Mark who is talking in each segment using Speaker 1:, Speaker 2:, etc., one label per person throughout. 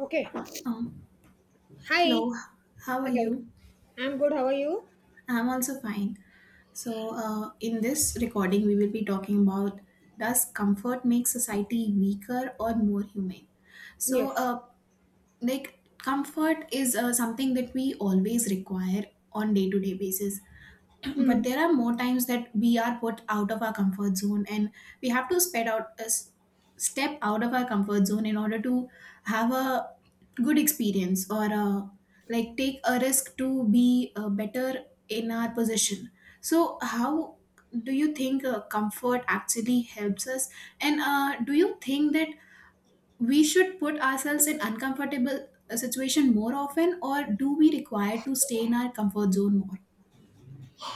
Speaker 1: Okay.
Speaker 2: Um,
Speaker 1: Hi.
Speaker 2: Hello, how are
Speaker 1: Hello.
Speaker 2: you?
Speaker 1: I'm good. How are you?
Speaker 2: I'm also fine. In this recording, we will be talking about, does comfort make society weaker or more humane? So,
Speaker 1: Yes.
Speaker 2: uh, like, comfort is something that we always require on day to day basis, but
Speaker 1: Hmm.
Speaker 2: there are more times that we are put out of our comfort zone and we have to spread out step out of our comfort zone in order to have a good experience or a, like take a risk to be better in our position. So how do you think comfort actually helps us, and do you think that we should put ourselves in uncomfortable situation more often, or do we require to stay in our comfort zone more?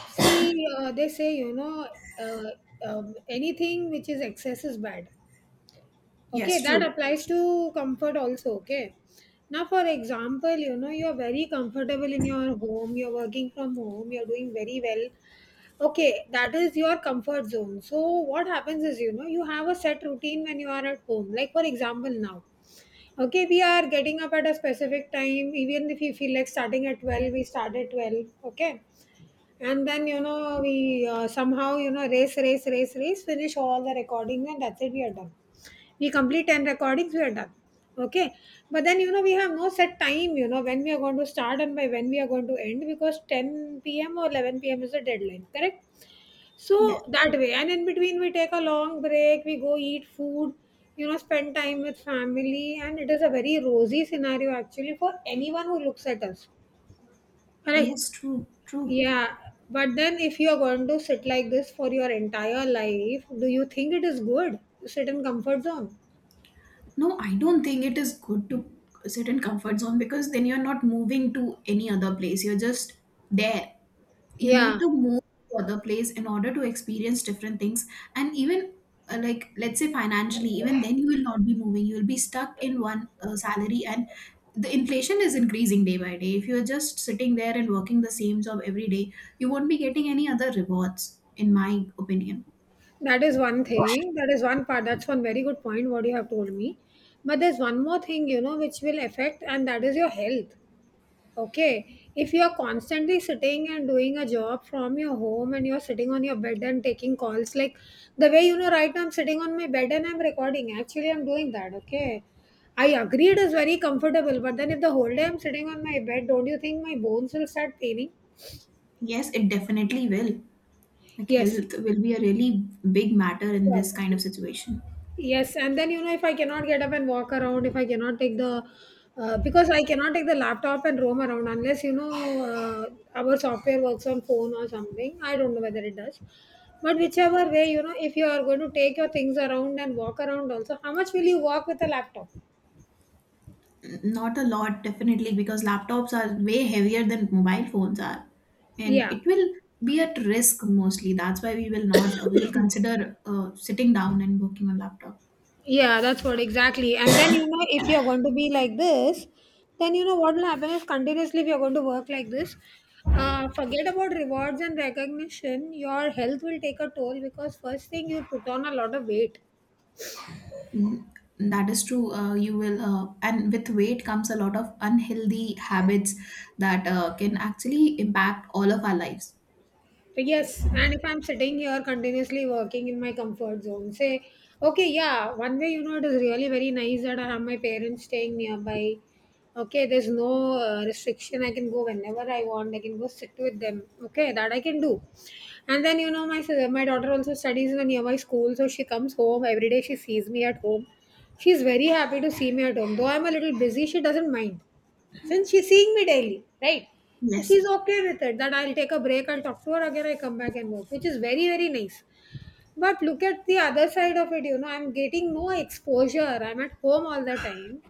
Speaker 1: See, they say, you know, uh, anything which is excess is bad. Okay,
Speaker 2: Yes,
Speaker 1: that
Speaker 2: true.
Speaker 1: applies to comfort also. Okay. Now, for example, you know, you're very comfortable in your home, you're working from home, you're doing very well. Okay, that is your comfort zone. So, what happens is, you know, you have a set routine when you are at home. Like, for example, now. Okay, we are getting up at a specific time. Even if you feel like starting at 12, we start at 12. Okay. And then, you know, we somehow, you know, race, race, race, race, finish all the recordings, and that's it, we are done. We complete 10 recordings, we are done. Okay. But then, you know, we have no set time, you know, when we are going to start and by when we are going to end because 10 p.m. or 11 p.m. is the deadline, correct? So
Speaker 2: Yes.
Speaker 1: that way, and in between, we take a long break, we go eat food, you know, spend time with family, and it is a very rosy scenario actually for anyone who looks at us. Correct?
Speaker 2: Yes, true, true.
Speaker 1: Yeah. But then, if you are going to sit like this for your entire life, do you think it is good to sit in comfort zone?
Speaker 2: No, I don't think it is good to sit in comfort zone, because then you're not moving to any other place. You're just there. You need
Speaker 1: Yeah,
Speaker 2: to move to other place in order to experience different things. And even like let's say financially, even then you will not be moving. You will be stuck in one salary, and the inflation is increasing day by day. If you're just sitting there and working the same job every day, you won't be getting any other rewards, in my opinion.
Speaker 1: that is one thing. That is one part. That's one very good point what you have told me. But there's one more thing, you know, which will affect, and that is your health. Okay, if you are constantly sitting and doing a job from your home and you're sitting on your bed and taking calls, like the way you know, right now I'm sitting on my bed and I'm recording. Actually, I'm doing that. Okay, I agree it is very comfortable, but then if the whole day I'm sitting on my bed, don't you think my bones will start paining?
Speaker 2: Yes, it definitely will. Like,
Speaker 1: Yes.
Speaker 2: health will be a really big matter in
Speaker 1: Yeah.
Speaker 2: this kind of situation.
Speaker 1: Yes, and then you know if I cannot get up and walk around, if I cannot take the because I cannot take the laptop and roam around unless you know uh, our software works on phone or something. I don't know whether it does, but whichever way you know, if you are going to take your things around and walk around also, how much will you walk with a laptop?
Speaker 2: Not a lot, definitely, because laptops are way heavier than mobile phones are, and
Speaker 1: Yeah.
Speaker 2: it will be at risk mostly. That's why we will not we will consider sitting down and working on laptop.
Speaker 1: Yeah, that's what exactly. And then you know, if you're going to be like this, then you know what will happen is continuously if you're going to work like this, forget about rewards and recognition. Your health will take a toll because first thing you'll put on a lot of weight.
Speaker 2: Mm, that is true. You will, and with weight comes a lot of unhealthy habits that can actually impact all of our lives.
Speaker 1: Yes, and if I'm sitting here continuously working in my comfort zone, say, okay, yeah, one way, you know, it is really very nice that I have my parents staying nearby. Okay, there's no restriction. I can go whenever I want. I can go sit with them. Okay, that I can do. And then, you know, my daughter also studies in a nearby school, so she comes home every day. She sees me at home. She's very happy to see me at home. Though I'm a little busy, she doesn't mind since she's seeing me daily, right?
Speaker 2: Yes.
Speaker 1: She's okay with it that I'll take a break, I'll talk to her again, I come back and work, which is very, very nice. But look at the other side of it, you know, I'm getting no exposure. I'm at home all the time.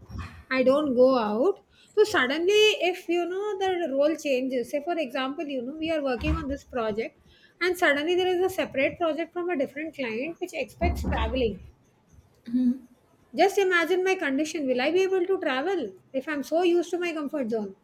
Speaker 1: I don't go out. So suddenly, if you know the role changes, say for example, you know, we are working on this project and suddenly there is a separate project from a different client which expects traveling. Just imagine my condition. Will I be able to travel if I'm so used to my comfort zone?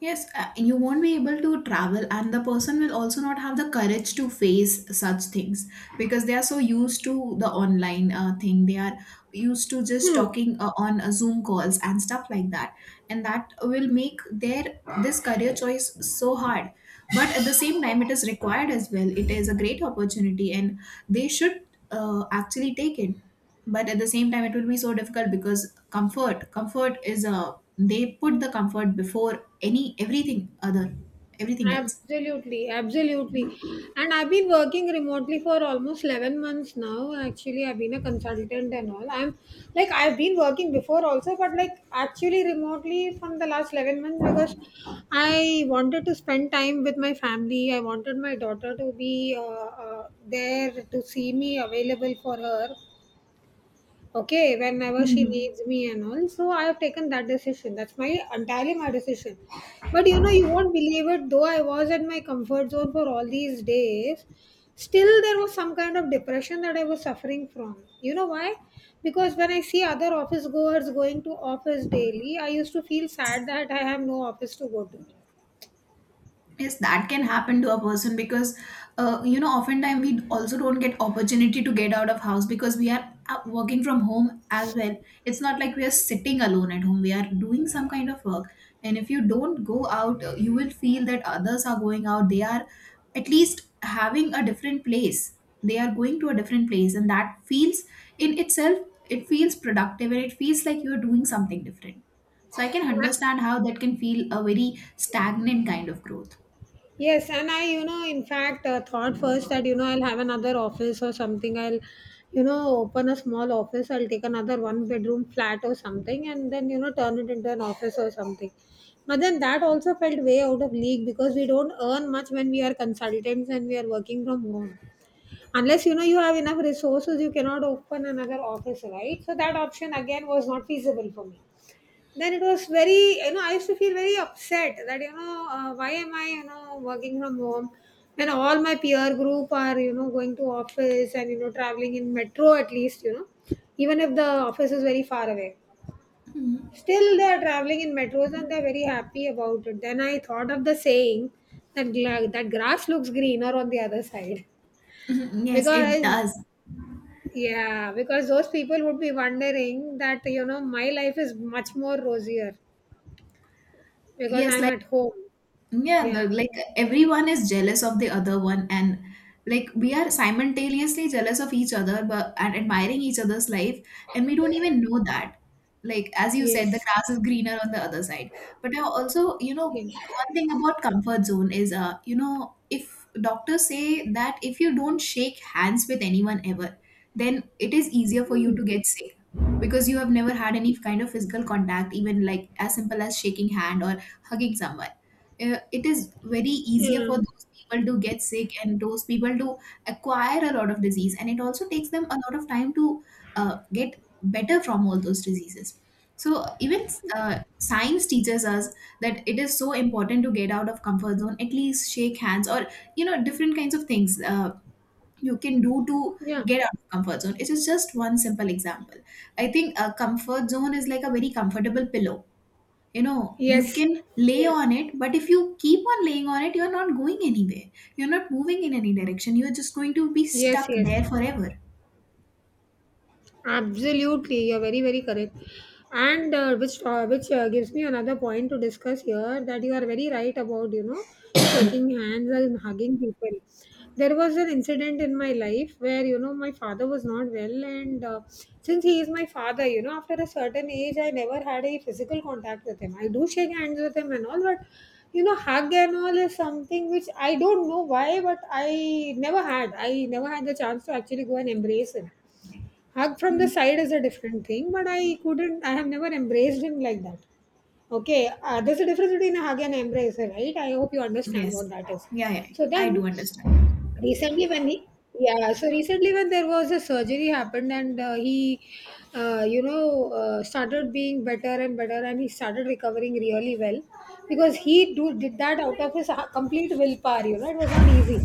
Speaker 2: Yes, you won't be able to travel, and the person will also not have the courage to face such things because they are so used to the online thing. They are used to just
Speaker 1: Hmm.
Speaker 2: talking on Zoom calls and stuff like that, and that will make their this career choice so hard. But at the same time, it is required as well. It is a great opportunity, and they should actually take it, but at the same time it will be so difficult because comfort is a, they put the comfort before any everything other everything else.
Speaker 1: Absolutely, absolutely. And I've been working remotely for almost 11 months now. Actually, I've been a consultant and all. I'm like, I've been working before also, but like actually remotely from the last 11 months because I wanted to spend time with my family. I wanted my daughter to be there to see me available for her, okay, whenever she
Speaker 2: Mhm.
Speaker 1: needs me and all. So I have taken that decision. That's my entirely my decision. But you know, you won't believe it, though I was at my comfort zone for all these days, still there was some kind of depression that I was suffering from, you know why? Because when I see other office goers going to office daily, I used to feel sad that I have no office to go to.
Speaker 2: Yes, that can happen to a person because you know, oftentimes we also don't get opportunity to get out of house because we are working from home as well. It's not like we are sitting alone at home, we are doing some kind of work. And if you don't go out, you will feel that others are going out, they are at least having a different place, they are going to a different place, and that feels, in itself, it feels productive and it feels like you're doing something different. So I can understand how that can feel a very stagnant kind of growth.
Speaker 1: Yes, and I, you know, in fact, thought first that, you know, I'll have another office or something. I'll, you know, open a small office. I'll take another one bedroom flat or something and then, you know, turn it into an office or something. But then that also felt way out of league because we don't earn much when we are consultants and we are working from home. Unless, you know, you have enough resources, you cannot open another office, right? So that option again was not feasible for me. Then it was very, you know, I used to feel very upset that, you know, why am I, you know, working from home when all my peer group are, you know, going to office and, you know, traveling in metro at least, you know, even if the office is very far away. Still, they are traveling in metros and they are very happy about it. Then I thought of the saying that, that grass looks greener on the other side,
Speaker 2: Mhm. Yes, it
Speaker 1: because
Speaker 2: does.
Speaker 1: yeah, because those people would be wondering that, you know, my life is much more rosier because
Speaker 2: Yes,
Speaker 1: I'm
Speaker 2: like,
Speaker 1: at home.
Speaker 2: yeah, the,
Speaker 1: Yeah.
Speaker 2: like, everyone is jealous of the other one, and like we are simultaneously jealous of each other, but and admiring each other's life, and we don't even know that. Like as you said, the
Speaker 1: Yes.
Speaker 2: grass is greener on the other side. But I also, you know,
Speaker 1: Yeah.
Speaker 2: one thing about comfort zone is, you know, if doctors say that if you don't shake hands with anyone ever, then it is easier for you to get sick because you have never had any kind of physical contact, even like as simple as shaking hand or hugging someone. It is very easier for
Speaker 1: Yeah.
Speaker 2: those people to get sick and those people to acquire a lot of disease, and it also takes them a lot of time to get better from all those diseases. So even science teaches us that it is so important to get out of comfort zone, at least shake hands or, you know, different kinds of things you can do to
Speaker 1: Yeah.
Speaker 2: get out of comfort zone. It is just one simple example. I think a comfort zone is like a very comfortable pillow. You know, you
Speaker 1: Yes.
Speaker 2: can lay
Speaker 1: Yes.
Speaker 2: on it, but if you keep on laying on it, you're not going anywhere. You're not moving in any direction, you're just going to be
Speaker 1: Yes.
Speaker 2: stuck
Speaker 1: Yes.
Speaker 2: there forever.
Speaker 1: Absolutely, you're very very correct. And which gives me another point to discuss here, that you are very right about you know shaking hands and hugging people. There was an incident in my life where you know my father was not well, and since he is my father, you know after a certain age, I never had a physical contact with him. I do shake hands with him and all, but you know hug and all is something which I don't know why, but I never had. I never had the chance to actually go and embrace him. Hug from the side is a different thing, but I couldn't. I have never embraced him like that. Okay, there's a difference between a hug and embrace, right? I hope you understand
Speaker 2: Yes,
Speaker 1: what that is.
Speaker 2: yeah, yeah,
Speaker 1: So
Speaker 2: I
Speaker 1: then,
Speaker 2: do understand.
Speaker 1: Recently, when he yeah, so recently when there was a surgery happened and you know, started being better and better and he started recovering really well because did that out of his complete willpower. You know, it was not easy.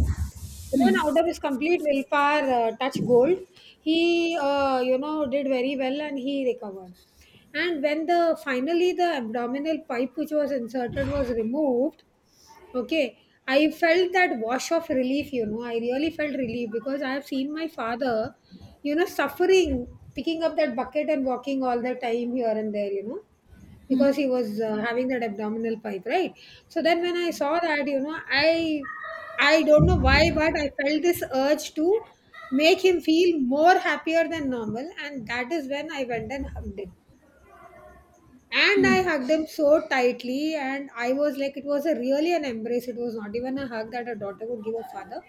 Speaker 1: But then out
Speaker 2: Hmm.
Speaker 1: of his complete willpower, touch gold, he, you know, did very well and he recovered. And when the finally the abdominal pipe which was inserted was removed, okay, I felt that wash of relief, you know, I really felt relief because I have seen my father, you know, suffering, picking up that bucket and walking all the time here and there, you know, because
Speaker 2: Hmm.
Speaker 1: he was having that abdominal pipe, right? So then when I saw that, you know, I don't know why, but I felt this urge to make him feel more happier than normal, and that is when I went and hugged him. And
Speaker 2: Hmm.
Speaker 1: I hugged him so tightly and I was like, it was a really an embrace, it was not even a hug that a daughter would give a father.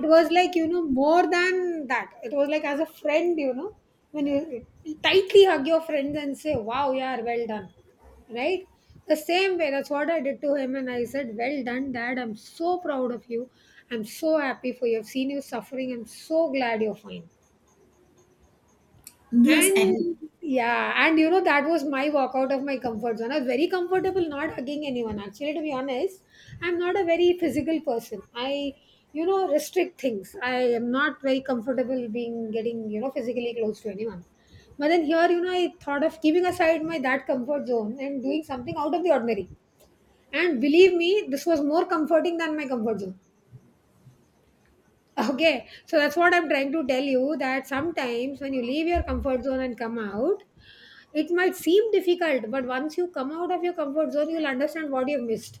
Speaker 1: It was like, you know, more than that, it was like as a friend, you know, when you tightly hug your friends and say wow, yeah, well done, right? The same way, that's what I did to him, and I said well done, Dad, I'm so proud of you, I'm so happy for you, I've seen you suffering, I'm so glad you're fine.
Speaker 2: Yes, and
Speaker 1: And yeah, and you know, that was my walkout of my comfort zone. I was very comfortable not hugging anyone. Actually, to be honest, I'm not a very physical person. I, you know, restrict things. I am not very comfortable being getting, you know, physically close to anyone. But then here, you know, I thought of keeping aside my that comfort zone and doing something out of the ordinary. And believe me, this was more comforting than my comfort zone. Okay, so that's what I'm trying to tell you that sometimes when you leave your comfort zone and come out, it might seem difficult, but once you come out of your comfort zone, you'll understand what you've missed.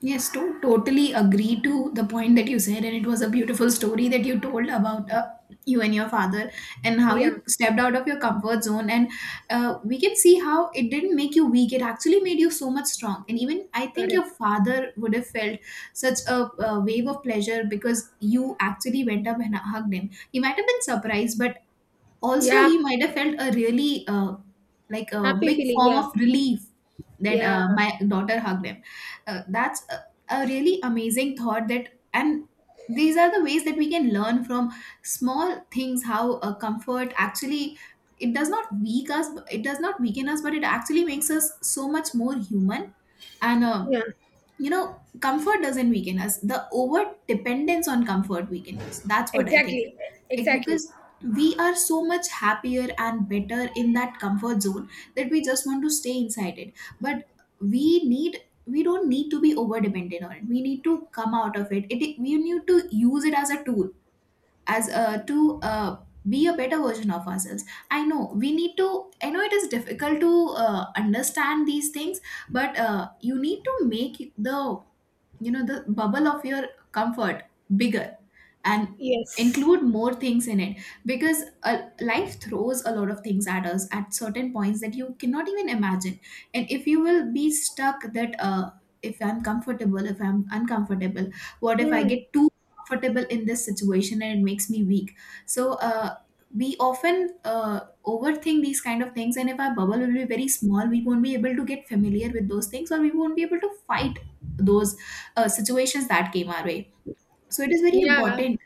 Speaker 2: yes, to totally agree to the point that you said, and it was a beautiful story that you told about you and your father and how
Speaker 1: Yeah,
Speaker 2: you stepped out of your comfort zone. And we can see how it didn't make you weak; it actually made you so much strong. And even I think your
Speaker 1: correct.
Speaker 2: father would have felt such a, uh, wave of pleasure because you actually went up and hugged him. He might have been surprised, but also
Speaker 1: Yeah,
Speaker 2: he might have felt a really like a
Speaker 1: happy
Speaker 2: big
Speaker 1: feeling.
Speaker 2: form
Speaker 1: Yeah,
Speaker 2: of relief that
Speaker 1: yeah,
Speaker 2: my daughter hugged him. That's a really amazing thought that, and these are the ways that we can learn from small things, how comfort actually, it does not weak us, it does not weaken us, but it actually makes us so much more human. And
Speaker 1: yeah,
Speaker 2: you know, comfort doesn't weaken us, the over dependence on comfort weaken us, that's what I think.
Speaker 1: exactly,
Speaker 2: It,
Speaker 1: exactly.
Speaker 2: because we are so much happier and better in that comfort zone that we just want to stay inside it, but we need, we don't need to be over dependent on it, we need to come out of it. It, we need to use it as a tool, as a to be a better version of ourselves. I know we need to, I know it is difficult to understand these things, but you need to make the, you know, the bubble of your comfort bigger and
Speaker 1: Yes.
Speaker 2: include more things in it, because life throws a lot of things at us at certain points that you cannot even imagine. And if you will be stuck that if I'm comfortable, if I'm uncomfortable, what if I
Speaker 1: Hmm.
Speaker 2: get too comfortable in this situation and it makes me weak. So we often overthink these kind of things, and if our bubble will be very small, we won't be able to get familiar with those things, or we won't be able to fight those situations that came our way. So it is very
Speaker 1: Yeah,
Speaker 2: important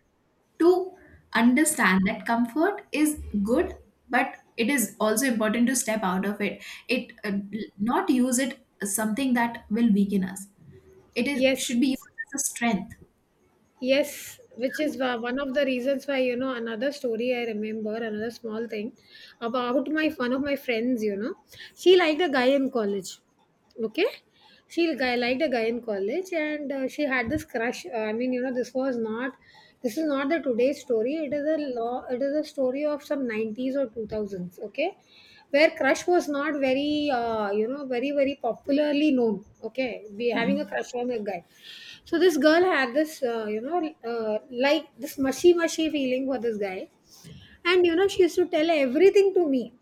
Speaker 2: to understand that comfort is good, but it is also important to step out of it. It, not use it as something that will weaken us. It is
Speaker 1: yes.
Speaker 2: should be used as a strength.
Speaker 1: Yes, which is one of the reasons why, you know, another story I remember, another small thing about my one of my friends. You know, she liked a guy in college. Okay, she guy liked a guy in college, and she had this crush. I mean, you know, this was not this is not the today's story. It is a law. It is a story of some 90s or 2000s. Okay, where crush was not very, very very popularly known. Okay, we having a
Speaker 2: Hmm.
Speaker 1: crush on a guy. So this girl had this, like this mushy mushy feeling for this guy, and you know she used to tell everything to me.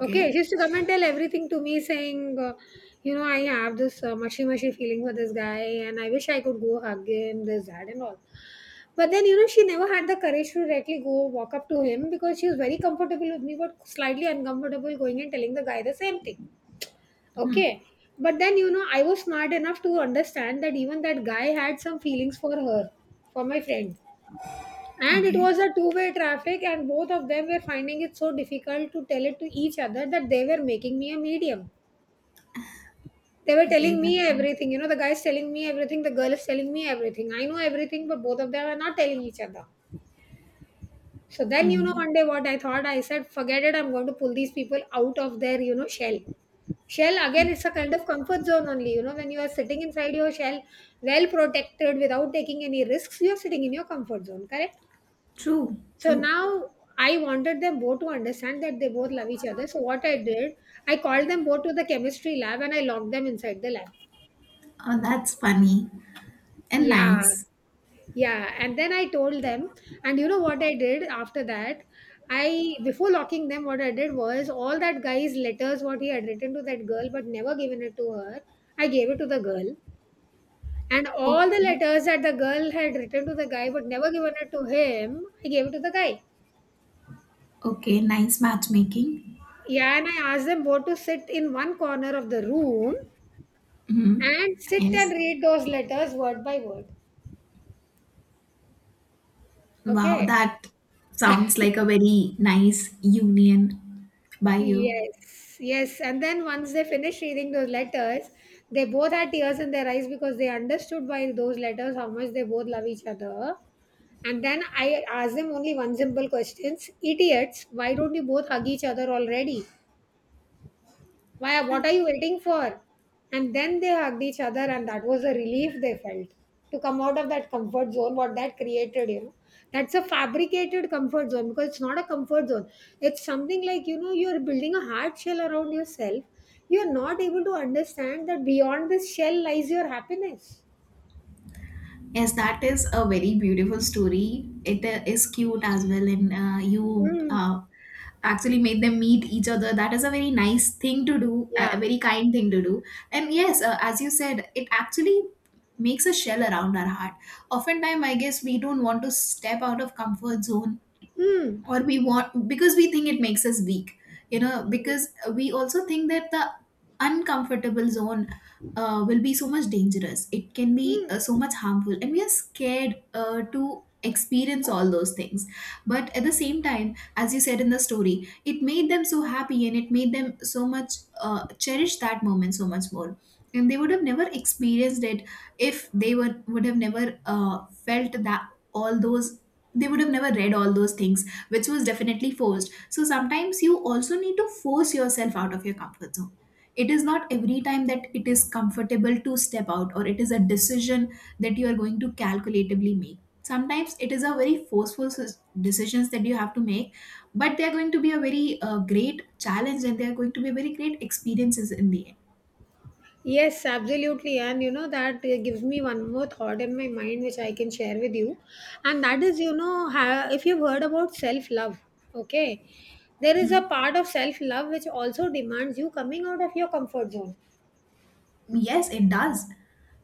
Speaker 1: Okay, she used to come and tell everything to me, saying, I have this mushy mushy feeling for this guy, and I wish I could go hug him, this that and all. But then you know she never had the courage to directly go walk up to him because she was very comfortable with me, but slightly uncomfortable going and telling the guy the same thing.
Speaker 2: Hmm.
Speaker 1: Okay. But then, you know, I was smart enough to understand that even that guy had some feelings for her, for my friend. And it
Speaker 2: Okay.
Speaker 1: was a two-way traffic, and both of them were finding it so difficult to tell it to each other that they were making me a medium. They were
Speaker 2: Okay.
Speaker 1: telling me
Speaker 2: That's
Speaker 1: everything. You know, the guy's telling me everything, the girl is telling me everything. I know everything, but both of them are not telling each other. So then, you know,
Speaker 2: mm.
Speaker 1: one day what I thought, I said, forget it, I'm going to pull these people out of their, shell. Shell, again, it's a kind of comfort zone only. You know, when you are sitting inside your shell, well protected, without taking any risks, you're sitting in your comfort zone, correct?
Speaker 2: True.
Speaker 1: So
Speaker 2: True.
Speaker 1: now I wanted them both to understand that they both love each other. So what I did, I called them both to the chemistry lab and I locked them inside the lab.
Speaker 2: Oh, that's funny and
Speaker 1: Yeah.
Speaker 2: nice.
Speaker 1: Yeah, and then I told them, and you know what I did after that? I Before locking them, what I did was all that guy's letters, what he had written to that girl but never given it to her, I gave it to the girl. And all the
Speaker 2: Okay.
Speaker 1: letters that the girl had written to the guy but never given it to him, I gave it to the guy.
Speaker 2: Okay. Nice matchmaking.
Speaker 1: Yeah, and I asked them both to sit in one corner of the room
Speaker 2: Hmm.
Speaker 1: and sit and
Speaker 2: Yes.
Speaker 1: read those letters word by word.
Speaker 2: Wow,
Speaker 1: Okay.
Speaker 2: that sounds like a very nice union by you.
Speaker 1: Yes, yes. And then once they finished reading those letters, they both had tears in their eyes because they understood by those letters how much they both love each other. And then I asked them only one simple questions. Idiots, why don't you both hug each other already? Why, what are you waiting for? And then they hugged each other, and that was a relief they felt to come out of that comfort zone, what that created. That's a fabricated comfort zone because it's not a comfort zone. It's something like, you're building a hard shell around yourself. You're not able to understand that beyond this shell lies your happiness.
Speaker 2: Yes, that is a very beautiful story. It is cute as well, and uh, you
Speaker 1: Mm.
Speaker 2: uh, actually made them meet each other. That is a very nice thing to do, a
Speaker 1: Yeah.
Speaker 2: very kind thing to do. And yes, as you said, it actually makes a shell around our heart. Oftentimes, I guess we don't want to step out of comfort zone,
Speaker 1: Mm.
Speaker 2: or we want, because we think it makes us weak. You know, because we also think that the uncomfortable zone will be so much dangerous, it can be
Speaker 1: Mm.
Speaker 2: so much harmful, and we are scared to experience all those things. But at the same time, as you said, in the story it made them so happy and it made them so much cherish that moment so much more, and they would have never experienced it if they were, would have never felt that, all those, they would have never read all those things, which was definitely forced. So sometimes you also need to force yourself out of your comfort zone. It is not every time that it is comfortable to step out, or it is a decision that you are going to calculatively make. Sometimes it is a very forceful decisions that you have to make, but they are going to be a very great challenge and they are going to be very great experiences in the
Speaker 1: Yes, absolutely. And you know, that gives me one more thought in my mind, which I can share with you. And that is, you know, if you've heard about self love, okay, there is a
Speaker 2: end.
Speaker 1: part of self love which also demands you coming out of your comfort zone.
Speaker 2: Yes, it does.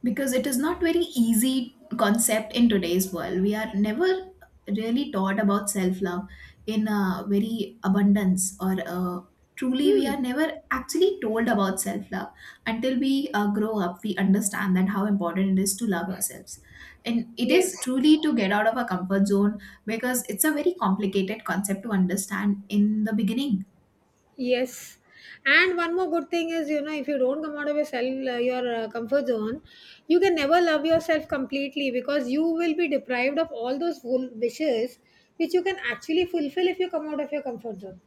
Speaker 2: Because it is not very easy concept in today's world. We are never really taught about self-love in a very abundance or truly we
Speaker 1: Hmm.
Speaker 2: are never actually told about self-love until we grow up we understand that how important it is to love ourselves, and it
Speaker 1: Yes.
Speaker 2: is truly to get out of a comfort zone because it's a very complicated concept to understand in the beginning.
Speaker 1: Yes. And one more good thing is, you know, if you don't come out of your comfort zone, you can never love yourself completely because you will be deprived of all those full wishes which you can actually fulfill if you come out of your comfort zone.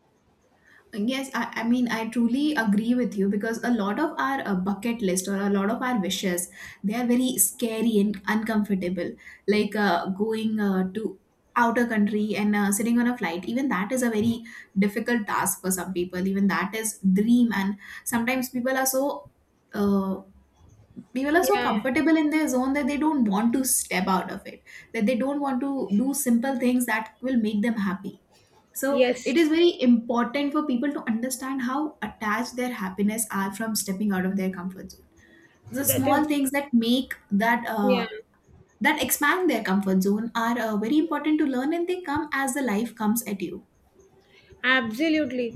Speaker 2: Yes, I mean, I truly agree with you because a lot of our bucket list or a lot of our wishes, they are very scary and uncomfortable. Like going to outer country and sitting on a flight, even that is a very difficult task for some people. Even that is dream, and sometimes uh, people are so
Speaker 1: Yeah,
Speaker 2: comfortable in their zone that they don't want to step out of it. That they don't want to do simple things that will make them happy, so
Speaker 1: yes,
Speaker 2: it is very important for people to understand how attached their happiness are from stepping out of their comfort zone. The
Speaker 1: that
Speaker 2: small
Speaker 1: is,
Speaker 2: things that make that
Speaker 1: yeah,
Speaker 2: that expand their comfort zone are very important to learn, and they come as the life comes at you.
Speaker 1: absolutely.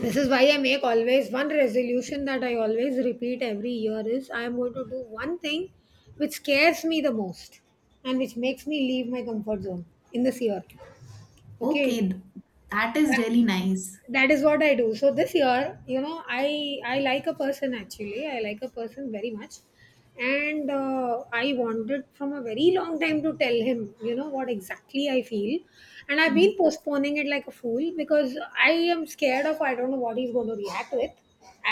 Speaker 1: This is why I make always one resolution that I always repeat every year is I am going to do one thing which scares me the most and which makes me leave my comfort zone in this year.
Speaker 2: Okay,
Speaker 1: Okay.
Speaker 2: that is
Speaker 1: That,
Speaker 2: really nice.
Speaker 1: that is what I do. So this year, you know, I like a person, actually I like a person very much, and I wanted from a very long time to tell him, you know, what exactly I feel, and I've
Speaker 2: Mm-hmm.
Speaker 1: been postponing it like a fool because I am scared of, I don't know what he's going to react with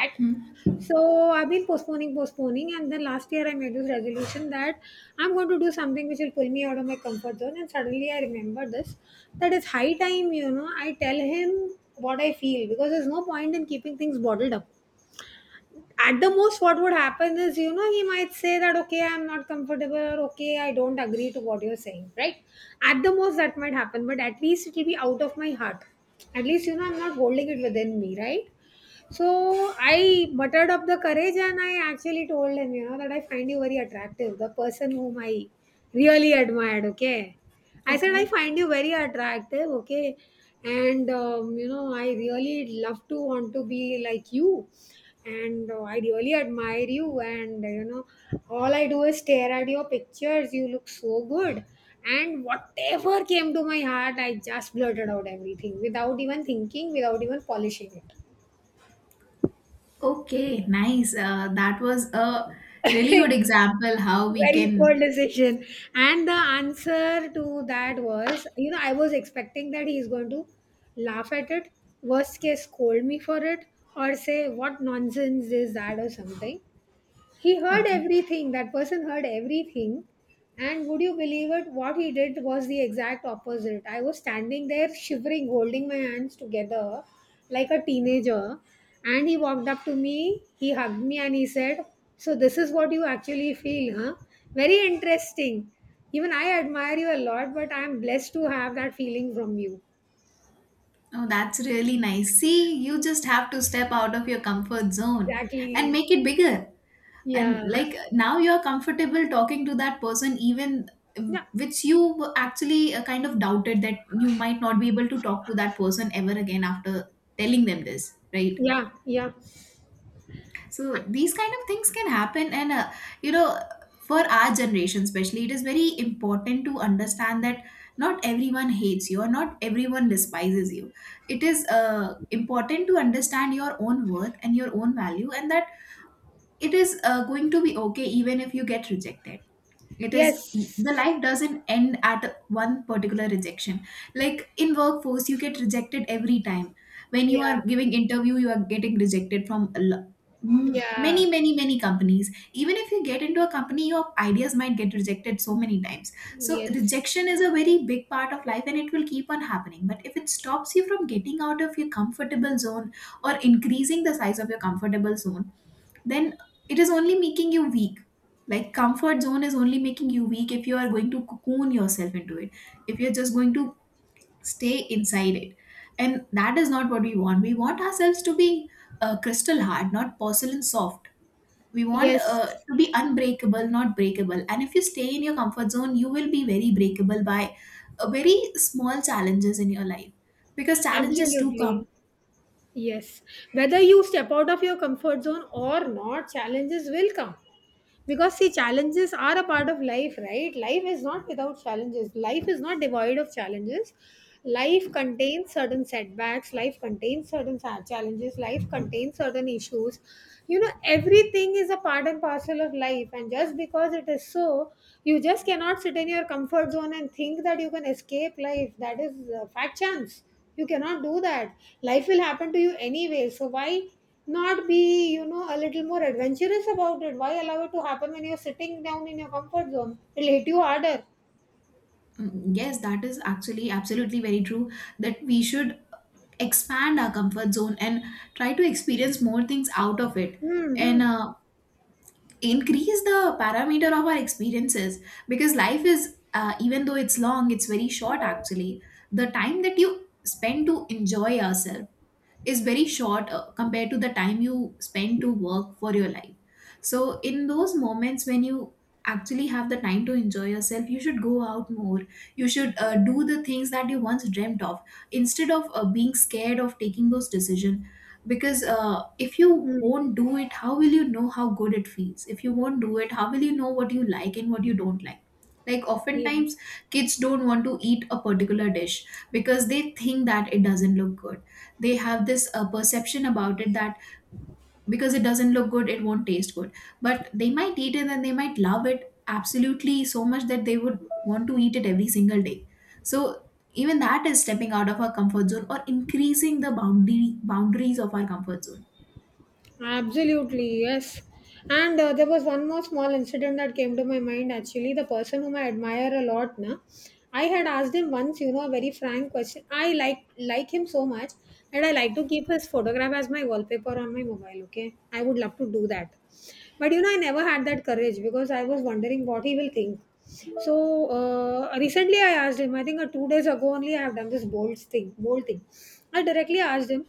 Speaker 1: at.
Speaker 2: Hmm.
Speaker 1: So I've been postponing, postponing, and then last year I made this resolution that I'm going to do something which will pull me out of my comfort zone. And suddenly I remember this, that it's high time, you know, I tell him what I feel because there's no point in keeping things bottled up. At the most, what would happen is, you know, he might say that, okay, I'm not comfortable, or okay, I don't agree to what you're saying, right? At the most, that might happen, but at least it will be out of my heart. At least, you know, I'm not holding it within me, right? So I buttered up the courage and I actually told him, you know, that I find you very attractive, the person whom I really admired, okay? I said, I
Speaker 2: Okay.
Speaker 1: find you very attractive, okay? And, you know, I really love to want to be like you. And I really admire you. And, all I do is stare at your pictures. You look so good. And whatever came to my heart, I just blurted out everything without even thinking, without even polishing it.
Speaker 2: Okay, nice. That was a really good example how we
Speaker 1: Very poor
Speaker 2: can.
Speaker 1: decision. And the answer to that was, you know, I was expecting that he's going to laugh at it, worst case scold me for it, or say what nonsense is that or something. He heard
Speaker 2: Okay.
Speaker 1: everything, that person heard everything. And would you believe it, what he did was the exact opposite. I was standing there shivering, holding my hands together like a teenager. And he walked up to me, he hugged me, and he said, so this is what you actually feel, huh? Very interesting. Even I admire you a lot, but I'm blessed to have that feeling from you.
Speaker 2: Oh, that's really nice. See, you just have to step out of your comfort zone and
Speaker 1: Exactly.
Speaker 2: make it bigger. And
Speaker 1: Yeah.
Speaker 2: like now you're comfortable talking to that person, even
Speaker 1: Yeah,
Speaker 2: which you were actually kind of doubted that you might not be able to talk to that person ever again after telling them this, right?
Speaker 1: yeah, yeah.
Speaker 2: So these kind of things can happen and you know for our generation especially it is very important to understand that not everyone hates you or not everyone despises you. It is important to understand your own worth and your own value, and that it is going to be okay even if you get rejected. It is
Speaker 1: Yes,
Speaker 2: the life doesn't end at one particular rejection. Like in workforce you get rejected every time when you are
Speaker 1: yeah,
Speaker 2: giving interview, you are getting rejected from a many
Speaker 1: yeah.
Speaker 2: many many companies. Even if you get into a company your ideas might get rejected so many times. So
Speaker 1: Yes,
Speaker 2: rejection is a very big part of life and it will keep on happening, but if it stops you from getting out of your comfortable zone or increasing the size of your comfortable zone, then it is only making you weak. Like comfort zone is only making you weak if you are going to cocoon yourself into it, if you're just going to stay inside it. And that is not what we want. We want ourselves to be crystal hard, not porcelain soft. We want
Speaker 1: yes,
Speaker 2: to be unbreakable, not breakable. And if you stay in your comfort zone, you will be very breakable by very small challenges in your life because challenges do
Speaker 1: absolutely.
Speaker 2: come.
Speaker 1: Yes, whether you step out of your comfort zone or not, challenges will come. Because, see, challenges are a part of life, right? Life is not without challenges. Life is not devoid of challenges. Life contains certain setbacks. Life contains certain challenges. Life contains certain issues. You know, everything is a part and parcel of life. And just because it is so, you just cannot sit in your comfort zone and think that you can escape life. That is fat chance. You cannot do that. Life will happen to you anyway, so why not be, you know, a little more adventurous about it? Why allow it to happen when you're sitting down in your comfort zone? It'll hit you harder.
Speaker 2: Mm, yes, that is actually absolutely very true, that we should expand our comfort zone and try to experience more things out of it. And
Speaker 1: Mm-hmm.
Speaker 2: increase the parameter of our experiences, because life is, even though it's long, it's very short actually. The time that you spend to enjoy yourself is very short compared to the time you spend to work for your life. So in those moments when you actually have the time to enjoy yourself, you should go out more. You should do the things that you once dreamt of, instead of being scared of taking those decisions. Because if you
Speaker 1: Mm.
Speaker 2: won't do it, how will you know how good it feels? If you won't do it, how will you know what you like and what you don't like? Like
Speaker 1: Yeah.
Speaker 2: oftentimes kids don't want to eat a particular dish because they think that it doesn't look good. They have this perception about it, that because it doesn't look good it won't taste good. But they might eat it and they might love it absolutely so much that they would want to eat it every single day. So even that is stepping out of our comfort zone or increasing the boundary boundaries of our comfort zone.
Speaker 1: Absolutely, yes. And there was one more small incident that came to my mind actually. The person whom I admire a lot, na, I had asked him once, you know, a very frank question. I like him so much that I like to keep his photograph as my wallpaper on my mobile. Okay, I would love to do that, but you know, I never had that courage because I was wondering what he will think. So recently, I asked him. I think, 2 days ago only, I have done this bold thing. Bold thing. I directly asked him,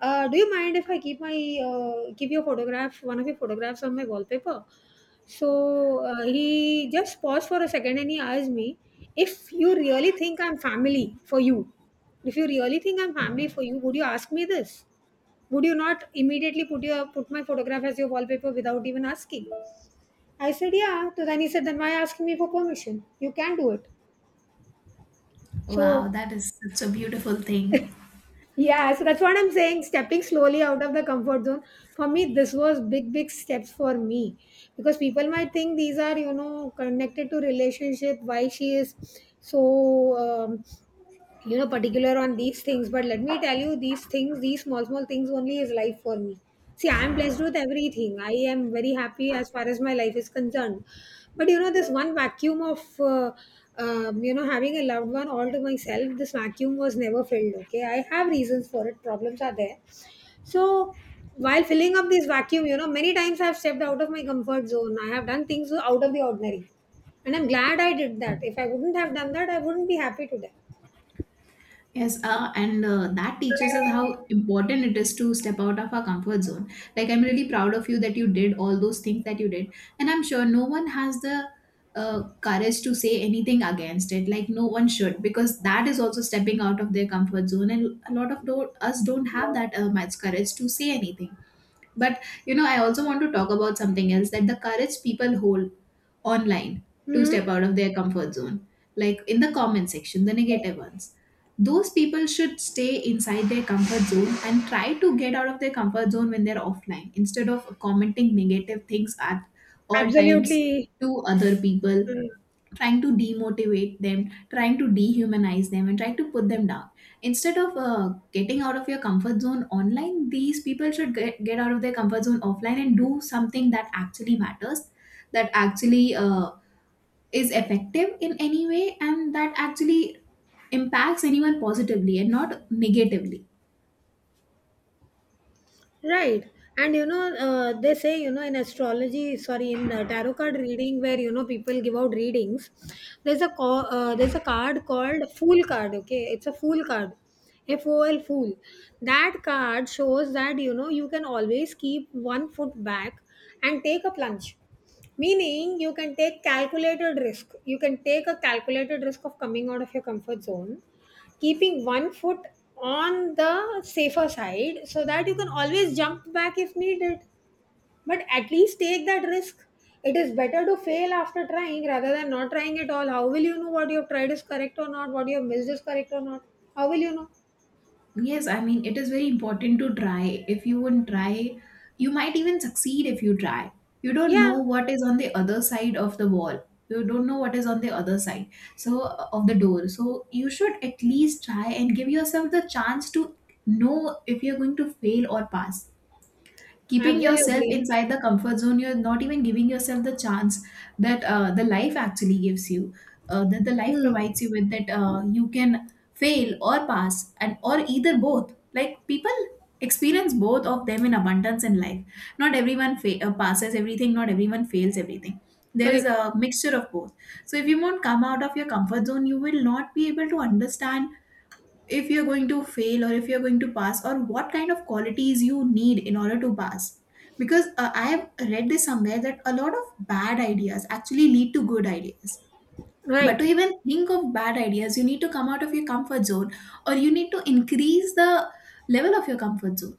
Speaker 1: do you mind if I keep my give you a photograph, one of your photographs on my wallpaper? So he just paused for a second and he asked me, if you really think I'm family for you, if you really think I'm family for you, would you ask me this? Would you not immediately put my photograph as your wallpaper without even asking? I said, yeah. So then he said, then why asking me for permission? You can do it.
Speaker 2: Wow,
Speaker 1: So
Speaker 2: that is such a beautiful thing.
Speaker 1: yeah, so that's what I'm saying. Stepping slowly out of the comfort zone. For me, this was big, big steps for me because people might think these are, you know, connected to relationship. Why she is so, particular on these things. But let me tell you, these things, these small small things only is life for me. See, I am blessed with everything. I am very happy as far as my life is concerned. But you know, this one vacuum of, having a loved one all to myself, this vacuum was never filled. Okay, I have reasons for it, problems are there. So while filling up this vacuum, you know, many times I have stepped out of my comfort zone, I have done things out of the ordinary. And I'm glad I did that. If I wouldn't have done that, I wouldn't be happy today.
Speaker 2: Yes, and that teaches us how important it is to step out of our comfort zone. Like I'm really proud of you that you did all those things that you did, and I'm sure no one has the courage to say anything against it, like no one should, because that is also stepping out of their comfort zone, and a lot of us don't have that much courage to say anything. But you know, I also want to talk about something else, that the courage people hold online to step
Speaker 1: Hmm.
Speaker 2: out of their comfort zone, like in the comment section, the negative ones. Those people should stay inside their comfort zone and try to get out of their comfort zone when they're offline, instead of commenting negative things at all times
Speaker 1: Absolutely.
Speaker 2: to other people,
Speaker 1: Mm,
Speaker 2: trying to demotivate them, trying to dehumanize them, and trying to put them down. Instead of getting out of your comfort zone online, these people should get out of their comfort zone offline and do something that actually matters, that actually is effective in any way, and that actually impacts anyone positively and not negatively.
Speaker 1: right. And you know, they say, you know, in astrology, sorry, in tarot card reading, where you know people give out readings, there's a card called Fool card. Okay, it's a Fool card, FOL Fool. That card shows that, you know, you can always keep one foot back and take a plunge, meaning you can take a calculated risk of coming out of your comfort zone, keeping one foot on the safer side so that you can always jump back if needed. But at least take that risk. It is better to fail after trying rather than not trying at all. How will you know what you have tried is correct or not, what you have missed is correct or not? How will you know?
Speaker 2: Yes, I mean, it is very important to try. If you wouldn't try, you might even succeed if you try. You don't know
Speaker 1: Yeah,
Speaker 2: what is on the other side of the wall. You don't know what is on the other side so of the door. So you should at least try and give yourself the chance to know if you're going to fail or pass. Keeping yourself
Speaker 1: absolutely.
Speaker 2: inside the comfort zone, you're not even giving yourself the chance that the life actually gives you, that the life provides
Speaker 1: Hmm,
Speaker 2: you with, that you can fail or pass and or either both. Like people experience both of them in abundance in life. Not everyone passes everything, not everyone fails everything. There is
Speaker 1: correct,
Speaker 2: a mixture of both. So if you won't come out of your comfort zone, you will not be able to understand if you're going to fail or if you're going to pass, or what kind of qualities you need in order to pass. Because I have read this somewhere that a lot of bad ideas actually lead to good ideas, but to
Speaker 1: right.
Speaker 2: even think of bad ideas you need to come out of your comfort zone, or you need to increase the level of your comfort zone.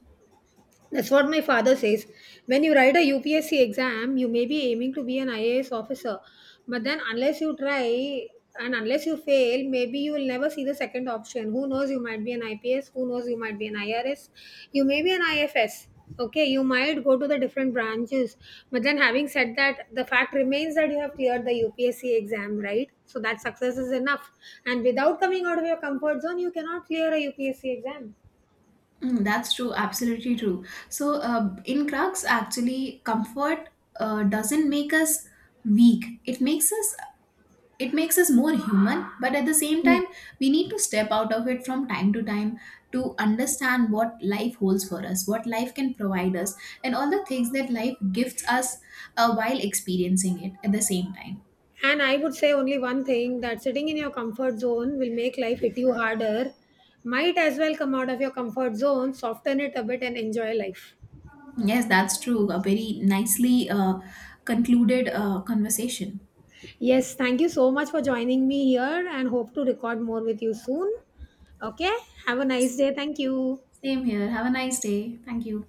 Speaker 1: That's what my father says. When you write a UPSC exam, you may be aiming to be an IAS officer, but then unless you try and unless you fail, maybe you will never see the second option. Who knows? You might be an IPS. Who knows? You might be an IRS. You may be an IFS. Okay, you might go to the different branches, but then having said that, the fact remains that you have cleared the UPSC exam, right? So that success is enough. And without coming out of your comfort zone, you cannot clear a UPSC exam.
Speaker 2: Mm, that's true, absolutely true. So in crux actually comfort doesn't make us weak, it makes us more human, but at the same time we need to step out of it from time to time, to understand what life holds for us, what life can provide us, and all the things that life gifts us while experiencing it at the same time.
Speaker 1: And I would say only one thing, that sitting in your comfort zone will make life hit you harder. Might as well come out of your comfort zone, soften it a bit, and enjoy life.
Speaker 2: Yes, that's true. A very nicely concluded conversation.
Speaker 1: Yes, thank you so much for joining me here and hope to record more with you soon. Okay, have a nice day. Thank you.
Speaker 2: Same here, have a nice day, thank you.